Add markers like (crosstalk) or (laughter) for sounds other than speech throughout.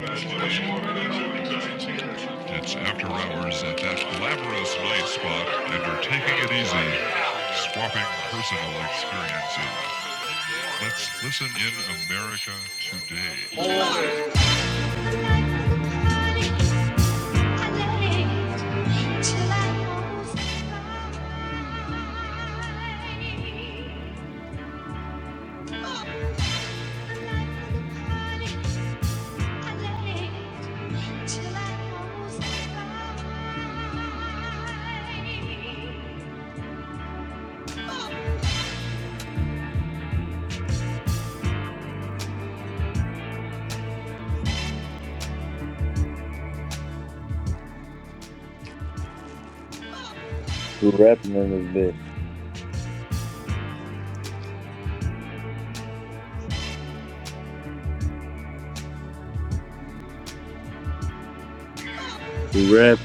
It's after hours at that glamorous night spot, and we're taking it easy, swapping personal experiences. Let's listen in America today. Who rapping in this bitch? Who rapping?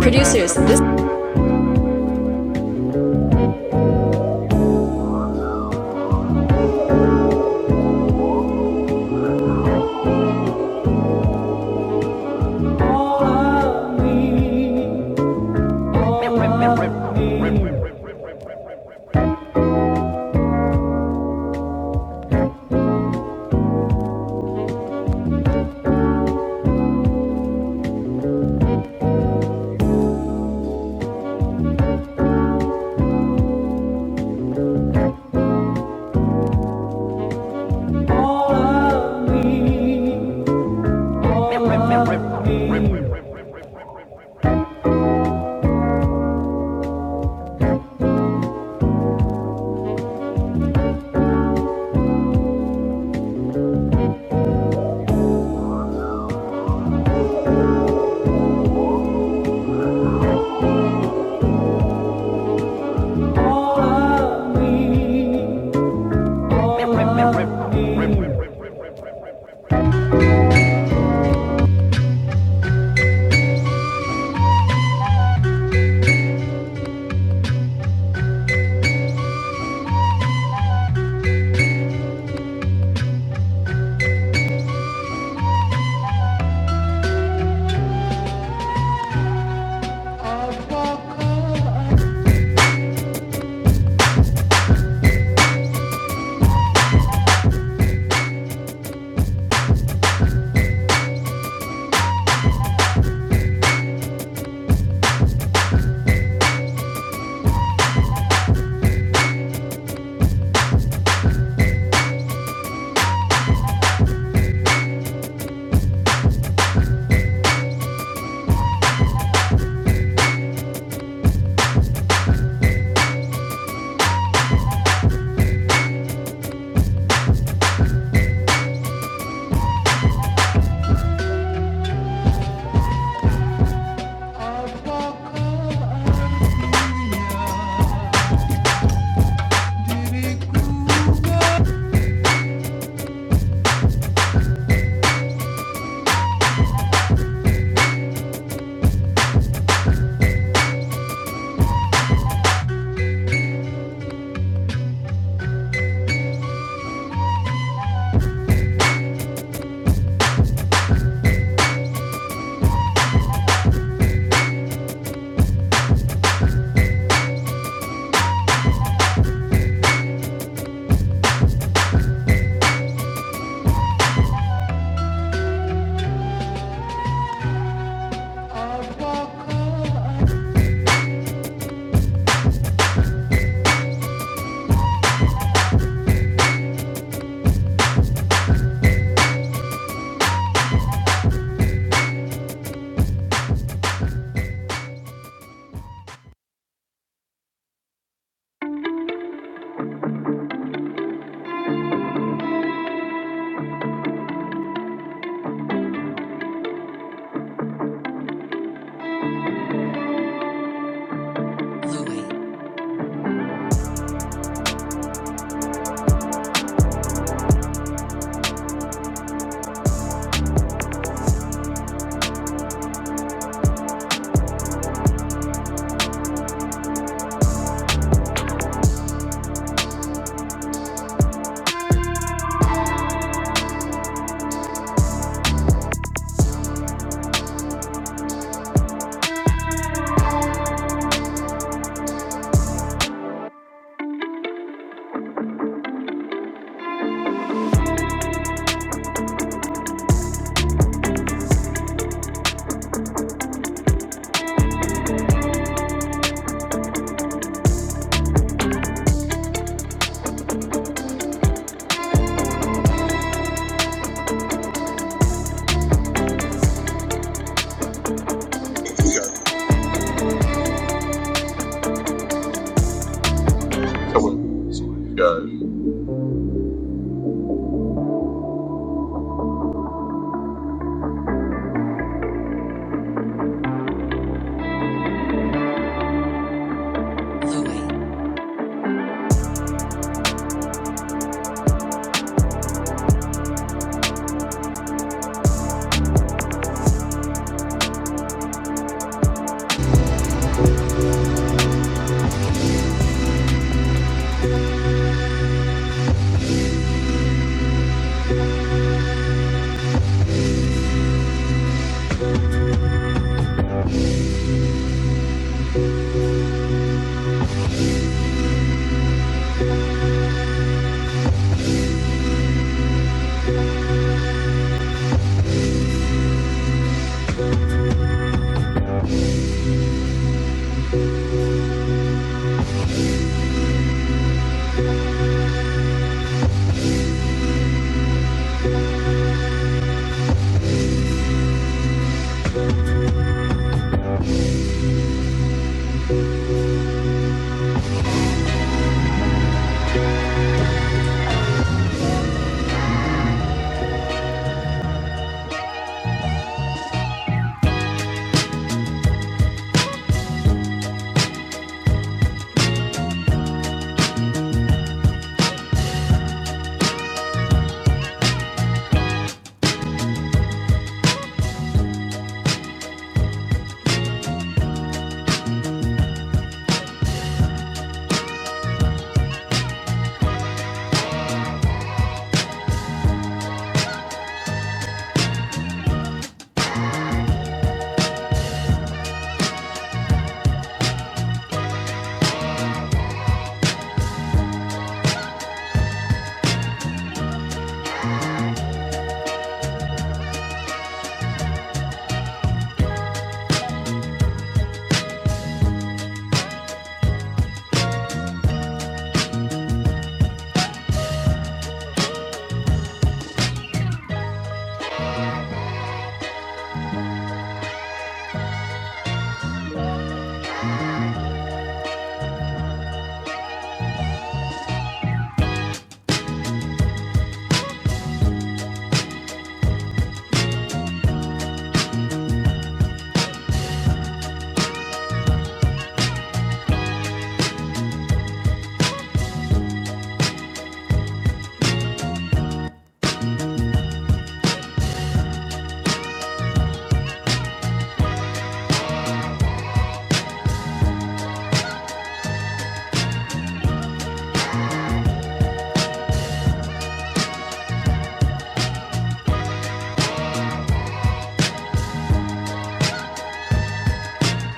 Producers, this All of me, all of me, all of me, all of me, all of me. Allah, diriku apa kau? You guys, I might see what's up with some of these guys.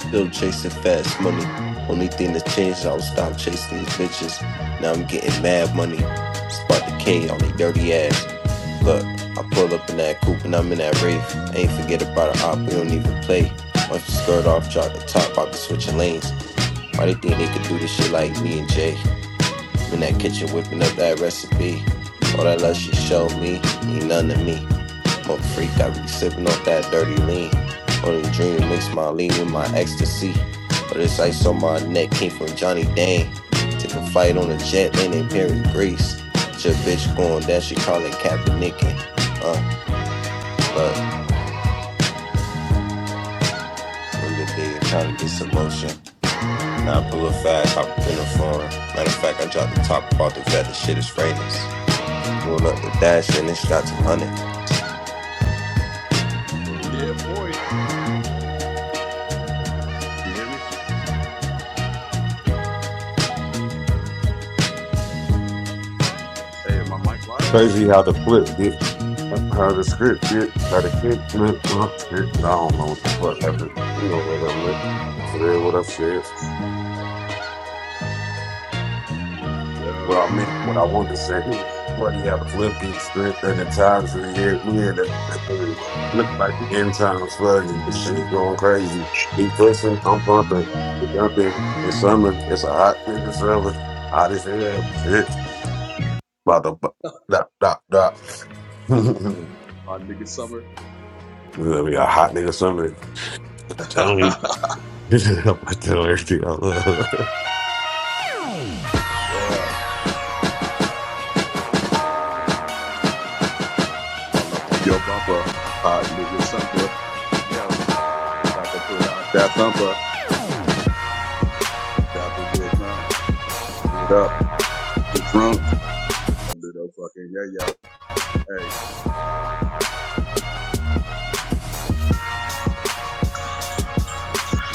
Still chasing fast money. Only thing that changed, I was stop chasing these bitches. Now I'm getting mad money. Spark the K on the dirty ass. Look, I pull up in that coupe and I'm in that Wraith. I ain't forget about an op. We don't even play. Watch the skirt off, drop the top. I be switching lanes. Why they think they could do this shit like me and Jay? I'm in that kitchen whipping up that recipe. All that love she showed me mean nothing to me. Mother freak, I be sipping off that dirty lean. Only dream to mix my lean with my ecstasy. But it's ice on my neck came from Johnny Dane. Took a flight on a jet land in Paris, Greece. It's Your bitch going down, she calling Kaepernick. Uh, look, remember the day of trying to get some motion. Now I pull up fast, I up in the form. Matter of fact, I dropped the top about the vet, the shit is frameless. Going up the dash, and then shot 200. Yeah, boy. Can you hear me? Hey, am I mic live? Crazy how the flip get, how the script get, how the kid flip, well, shit, I don't know what the fuck happened. You know what I meant. Said what I said. Well, Yo, I meant what I wanted to say. Funny how the flip get script and the times we had, we had to (laughs) look like the end times flooding. The shit going crazy. He pushing, I'm pumping. It's dumping. It's summer. It's a hot thing. It's summer. Hot as hell. It's about to bu- dot, dot, dot. (laughs) hot nigga summer. It's gonna be a hot nigga summer. (laughs) Tell me. (laughs) I'll put that on everything out loud. (laughs) yeah, all up on your bumper. Hot nigga summer. Yo, about to pull out that thumper. About to get drunk. Do it up. Get drunk. A little fucking yeah, yo. Hey,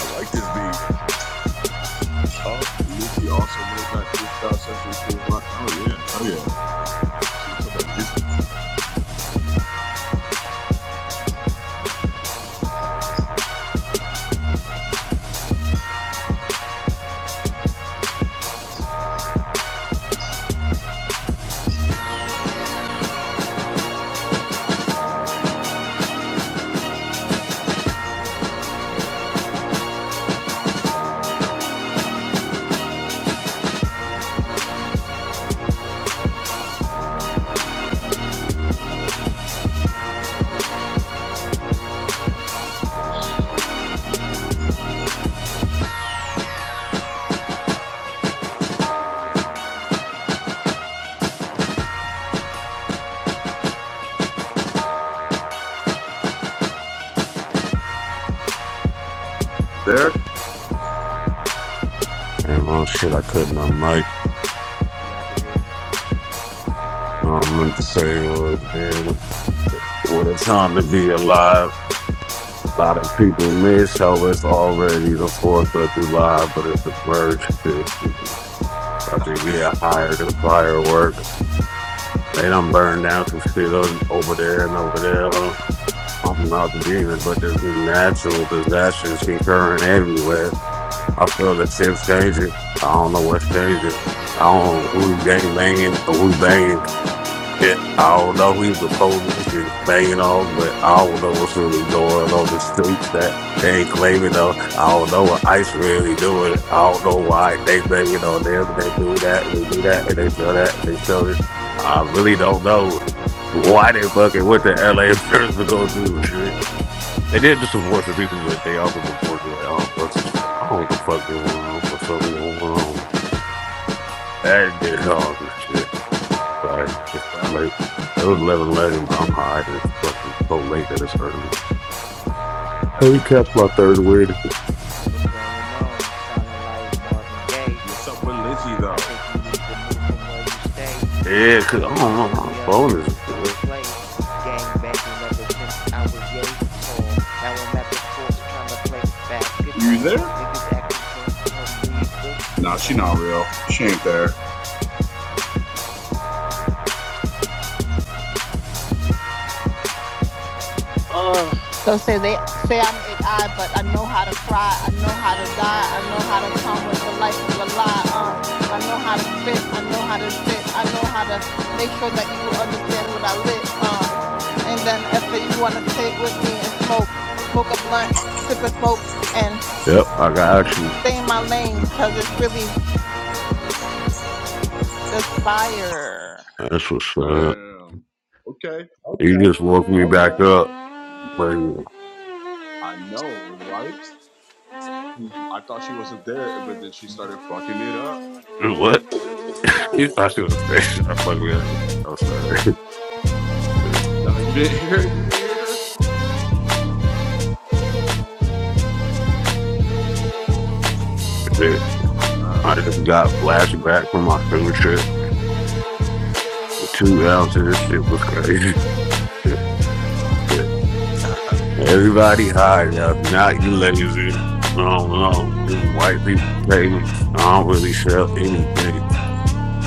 I like this beat. Oh, Lizzie also late night freestyle session. Cool. vi- Oh, yeah. Hell yeah. Let's see what's up with Lizzie. Hello? You there? And well, shit, I couldn't. I'm like, Yeah, I can hear you. I meant to say was, man, what a time to be alive. A lot of people miss how it's already the 4th of July, but it's the first shit. I think, yeah, higher than fireworks. They done burned down some shit o- over there and over there. huh? I'm not the demon, but there's natural disasters concurring everywhere. I feel that shit's changing. I don't know what's changing. I don't know who he gang banging or who he banging. Shit, I don't know who the police is banging on, but I don't know what's really going on on the streets that they ain't claiming though. I don't know what ICE really doing. I don't know why they banging on them and they do that and they do that and they feel that and they feel this. I really don't know why they fucking went to LA (laughs) first to go through. They did just report the people, but they also reported like, oh, let's see. I don't know what the fuck going on. What's up going on? That did Yo, all this shit. Sorry. for It's sure. late. It was eleven On your eleven. I'm own. high. It's fucking so late that it's early. Hey, catch my third win. What's going on? Sounding like Marvin Gaye. What's up with Lizzie I though? think you need to move from where you stay. Yeah, because I don't Talking know. about them My young phone niggas don't is. play. Gang banging ever since I was yay tall. Now I'm at the courts trying to play You basketball. there? Niggas acting drunk, tell 'em leave the Nah, she not farms. real. She ain't there. Uh, So say they say I'm a I, but I know how to cry. I know how to die. I know how to come with the life of a lie. Uh, I know how to spit. I know how to sit. I know how to make sure that you understand what I lit. Uh, and then if you want to sit with me and smoke, smoke a blunt, sip a smoke, and Yep, I got you. stay in my lane, cause it's really just fire. That's what's up. Damn. Okay. You Okay. just woke me back Okay. up. But I know, right? I thought she wasn't there, but then she started fucking it up. what? (laughs) I should have stayed. I fucking. I'm sorry. No, you didn't hear. You didn't hear (laughs) her. I Uh, just got flashback from my field trip. Two ounces. This shit was crazy. (laughs) Everybody high. Yeah. Not you lazy. I don't know. Them White people paying. I don't really sell anything.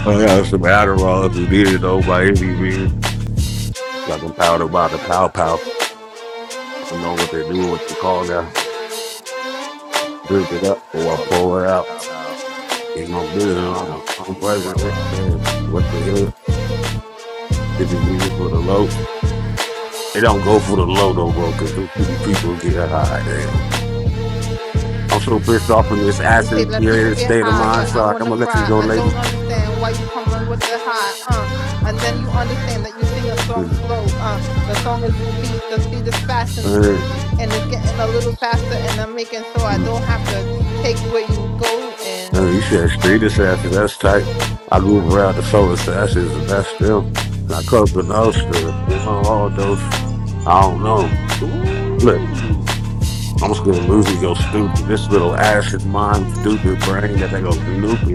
I got some Adderall if you need it though by any means. Got them powder by the pow pow. I don't know what they do with the car now. Drink it up (laughs) or I all about pour it that. out. Pow pow. It's my business. Now I'm a now. I'm You're like wow president. wow. Man, what the hell? Did you need it for the load? They don't go for the low though, bro, because people get high. Damn. I'm so pissed off in this They say acid let people created get state of high, mind. but So I I'm want to gonna let you cry. go, I lady. don't understand why you coming with the high, uh. And then you understand that you sing a song Mm, slow, uh. The song is the beat, the beat is fast, and Uh, and it's getting a little faster, and I'm making so I mm, don't have to take where you go. uh, And you said street is acid. That's tight. I grew up around the solar stashes, and that's still I cooked the nose to all those. I don't know. Look, Ooh. I'm just gonna lose me go stupid. This little acid mind, stupid brain that they go nuke it.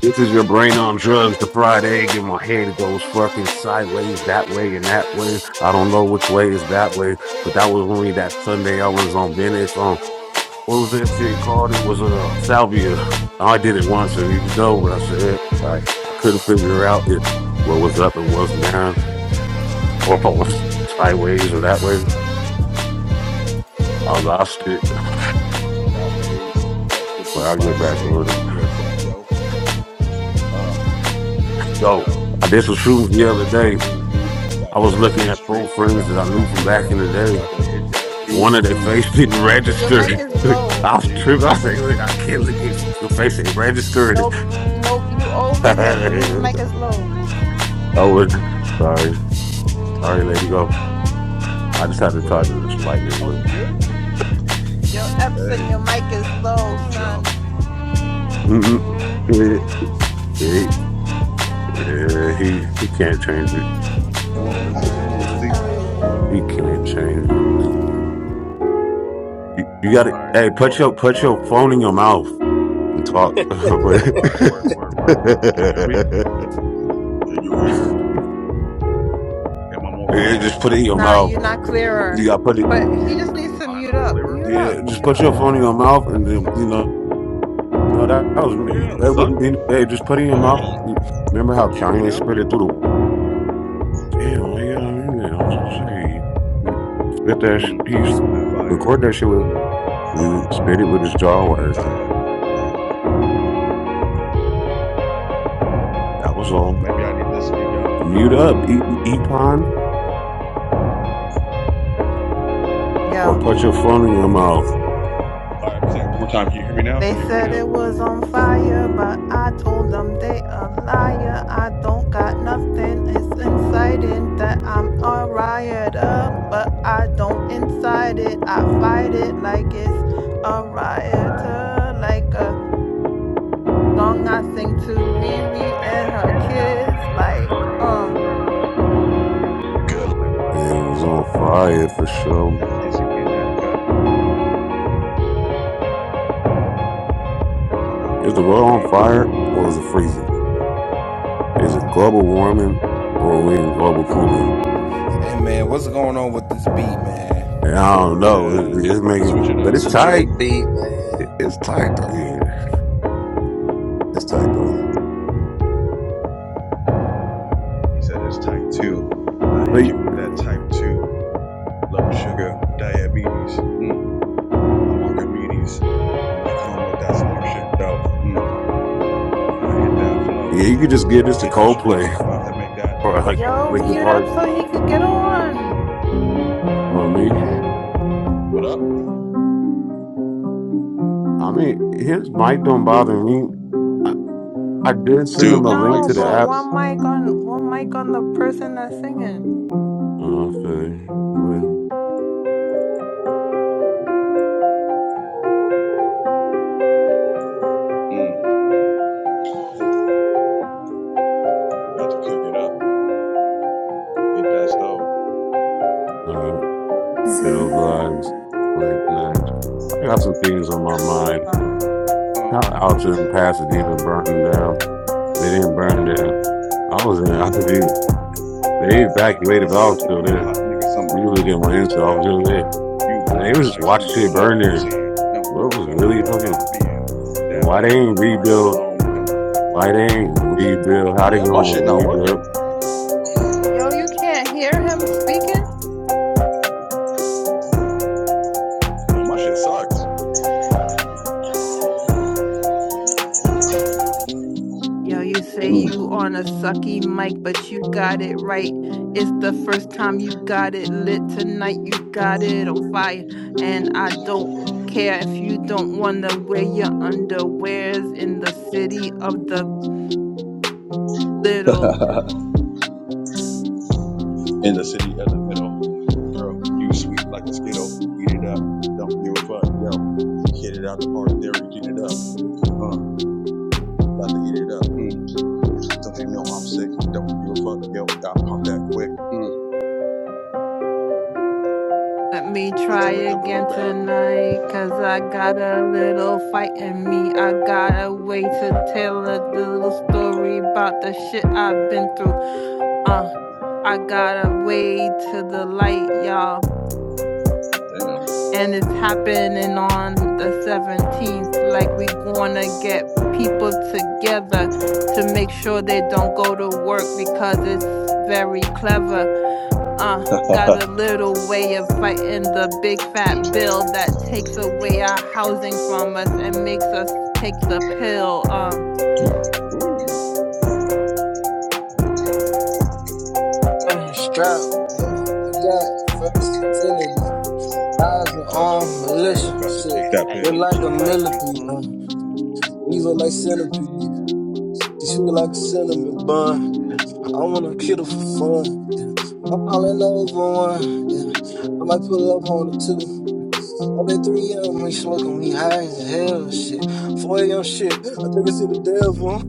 This is your brain on drugs, the fried egg in my head. It goes fucking sideways that way and that way. I don't know which way is that way, but that was only that Sunday I was on Venice on what was that shit called? It was uh, salvia. I did it once and you know what I said. Like I couldn't figure out if what was up and what's down, or if I was sideways or that way. I lost it, Sideways or lot ways. Fuck what but these I'll get spies back say. on it. Don't give a fuck, yo. Uh, Yo, yo. I did some shootings the About other to work day. this beat, about I to was hit looking this at street, old friends about that to I knew pack from it back in up, the day. about to hit that heat. One of their Mm, face didn't but your I'm register. mic about to is (laughs) I hit that low. was beat. tripping. I said, "Look, I can't look at the face ain't registered. No, nope, you (laughs) over him. I His mic is low. was sorry, sorry, lady. Go. I just had to What talk up? to this lightning a Are we little. (laughs) good? Your Epson, Hey, your mic is low, from jump. son. Mm, mm, it, it, yeah, he he can't change it. Come on, Lizzie. Come on, Lizzie. He can't change it. You, you got to All right, hey put hold up. your put your phone in your mouth and talk. (laughs) yeah, All right, word, word, word, word. Can you hear me? Can you hear? Am I more clear? just put it in your Nah, mouth. you're not You clearer. got to put it. But he just needs to I mute not up, clearer? mute Yeah, up, just mute put up, your mute phone in your up. mouth and then you know No, that, that was me. Damn, That would- son. and- hey, just put it in Damn. your mouth. Can Remember how you hear me Kanye now? spit it through the wall? damn? Why you got me? there? I was gonna say he, he spit that. sh- Mm, He s- on that fire. record that shit with. Mm, He would spit it with his what jaw you wires, and desire. that was all. Maybe I need to speak up. Mute up, Mm. eat, eat pond, or Yo. put your phone in your mouth. All right, I'm gonna say it one more time. Can you hear me now? Can They you hear me said now? it was on fire, but I told them they a liar. I don't got nothing. It's inciting that I'm all riot up, but I don't incite it. I fight it like it's a rioter, like a song I sing to Riri and her kids. Like, um, Good. Like what? And it was on fire for sure. Is you in that cut? Mm, cannot be Is the this world on beat. fire or is it freezing? Is it global warming or are we in global cooling? Hey man, what's going on with this beat, man? And I don't know. It, Yeah. it's making, Switch it but up. it's it's a tight. Drake beat, man. It- It's tight though. Yeah, it's tight though. He said it's type two. I But hit yeah, you with that type two low sugar diabetes. Mm, I'm Archimedes. When I come with that smart shit though. Mm, when I hit that flow, you could just give this to hit the streets. Coldplay I'm about to make that (laughs) or dough. like yo, Linkin mute up Park so he could get on. on me. What up? I mean, his mic don't bother me. I, I did send Dude, him a my mic link No, to the but app. sucks. one mic on one mic on the person that's singing. Oh, I feel you. with Mm, about to cook it up. Hit that stove. uh, Bill vibes, late night. I got some things on my mind. Uh, Uh, How out there in Pasadena burning down, but it didn't burn down. I was in. I could be. They evacuated, but it's I was about to still be a there. hot nigga summer. Usually get my answer. I was Yo. still there. you They blind was just lights do watching you shit wonder burn I'm there. saying don't give What a was fuck really yo fucking? I'm being that Why they one on ain't the rebuild? microphone don't Why they ain't rebuild? How they yeah my gonna shit not rebuild? working Yo, you can't hear him speaking? no my shit sucks yo, you say Mm. you on a sucky mic, but you got it right. It's the first time you got it lit tonight. You got it on fire, and I don't care if you don't wanna wear your underwears in the city of the little. (laughs) in the city of the middle girl you sweet like a skittle eat it up don't give a fuck yo hit it out the park Derek eat it up uh about to eat it up mm. don't you know I'm sick don't give a fuck yo I pump that quick mm. Let me hit try you with the again boob bap tonight, 'cause I got a little fight in me. I got a way to tell a little story about the shit I've been through. Uh, I got a way to the light, y'all. damn And it's happening on the 17th. Like, we gonna get people together to make sure they don't go to work because it's very clever uh got a little way of fighting the big fat bill that takes away our housing from us and makes us take the pill uh (laughs) ooh Uh, Strap, yeah, we got versatility. Eyes and just arm, for the thrill militia, about to shit. take that I Look pill mute like your a mic, millipede, Epon. uh, evil like centipede. She sweet like a cinnamon bun. Yeah. I wanna kill her for fun. Yeah. I'm calling over one. Yeah. I might pull up on the two. I bet three am. we smoking, we high as hell, shit. Four am. shit. I think I see the devil.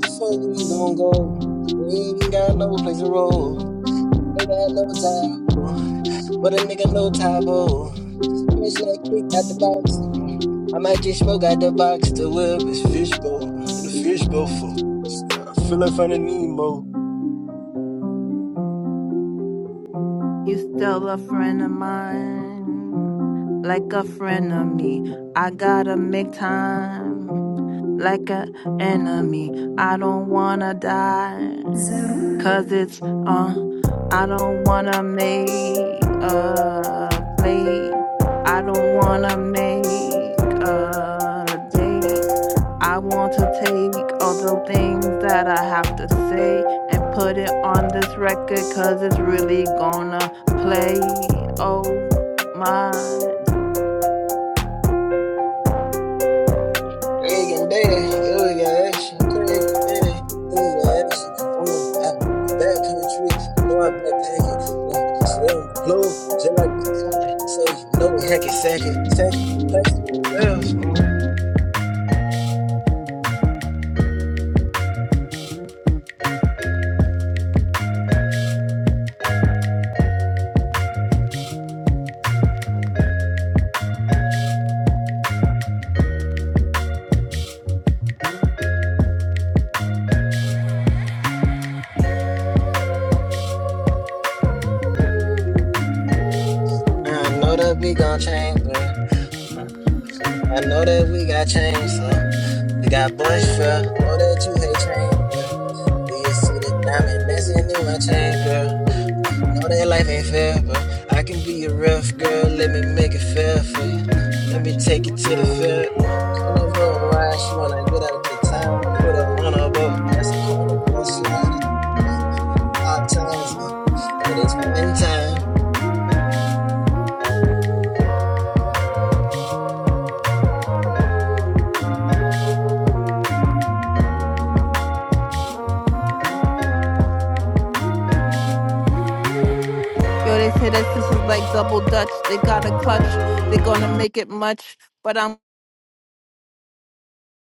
Before we gon' go, we ain't got no place to roll. Ain't got no time, but a nigga no time, oh. Fresh like kick out the box. I might just smoke out the box. The whip is fishbowl. In the fishbowl, for I feel like finding Nemo. you still a friend of mine like a friend of me i gotta make time like a enemy i don't wanna die Cause it's uh I don't wanna make a play. I don't wanna make a date. I want to take all the things that I have to say and put it on this record cause it's really gonna play. Oh my Craig and Daddy, here we got action. Craig and Daddy, here we got action. I'm in uh, the back country, know I backpack it. Uh, Stay on the floor, just like the alley. So you know it hacky sacky, sacky, plastic. Yes. I know that we gon' change, but uh, I know that we got change, so we got bush for. Know that you hate change, but do you see the diamond dancing in my chain, girl? Uh, know that life ain't fair, but I can be your rough girl. Let me make it fair for you. Uh, let me take you to the fair. Uh, carnival ride, she wanna get out of the town. Put her on a boat. That's a carnival slide. Five times, uh, but it's one time. Yo, they say that this is like double dutch. They got a clutch. They're gonna make it much. But I'm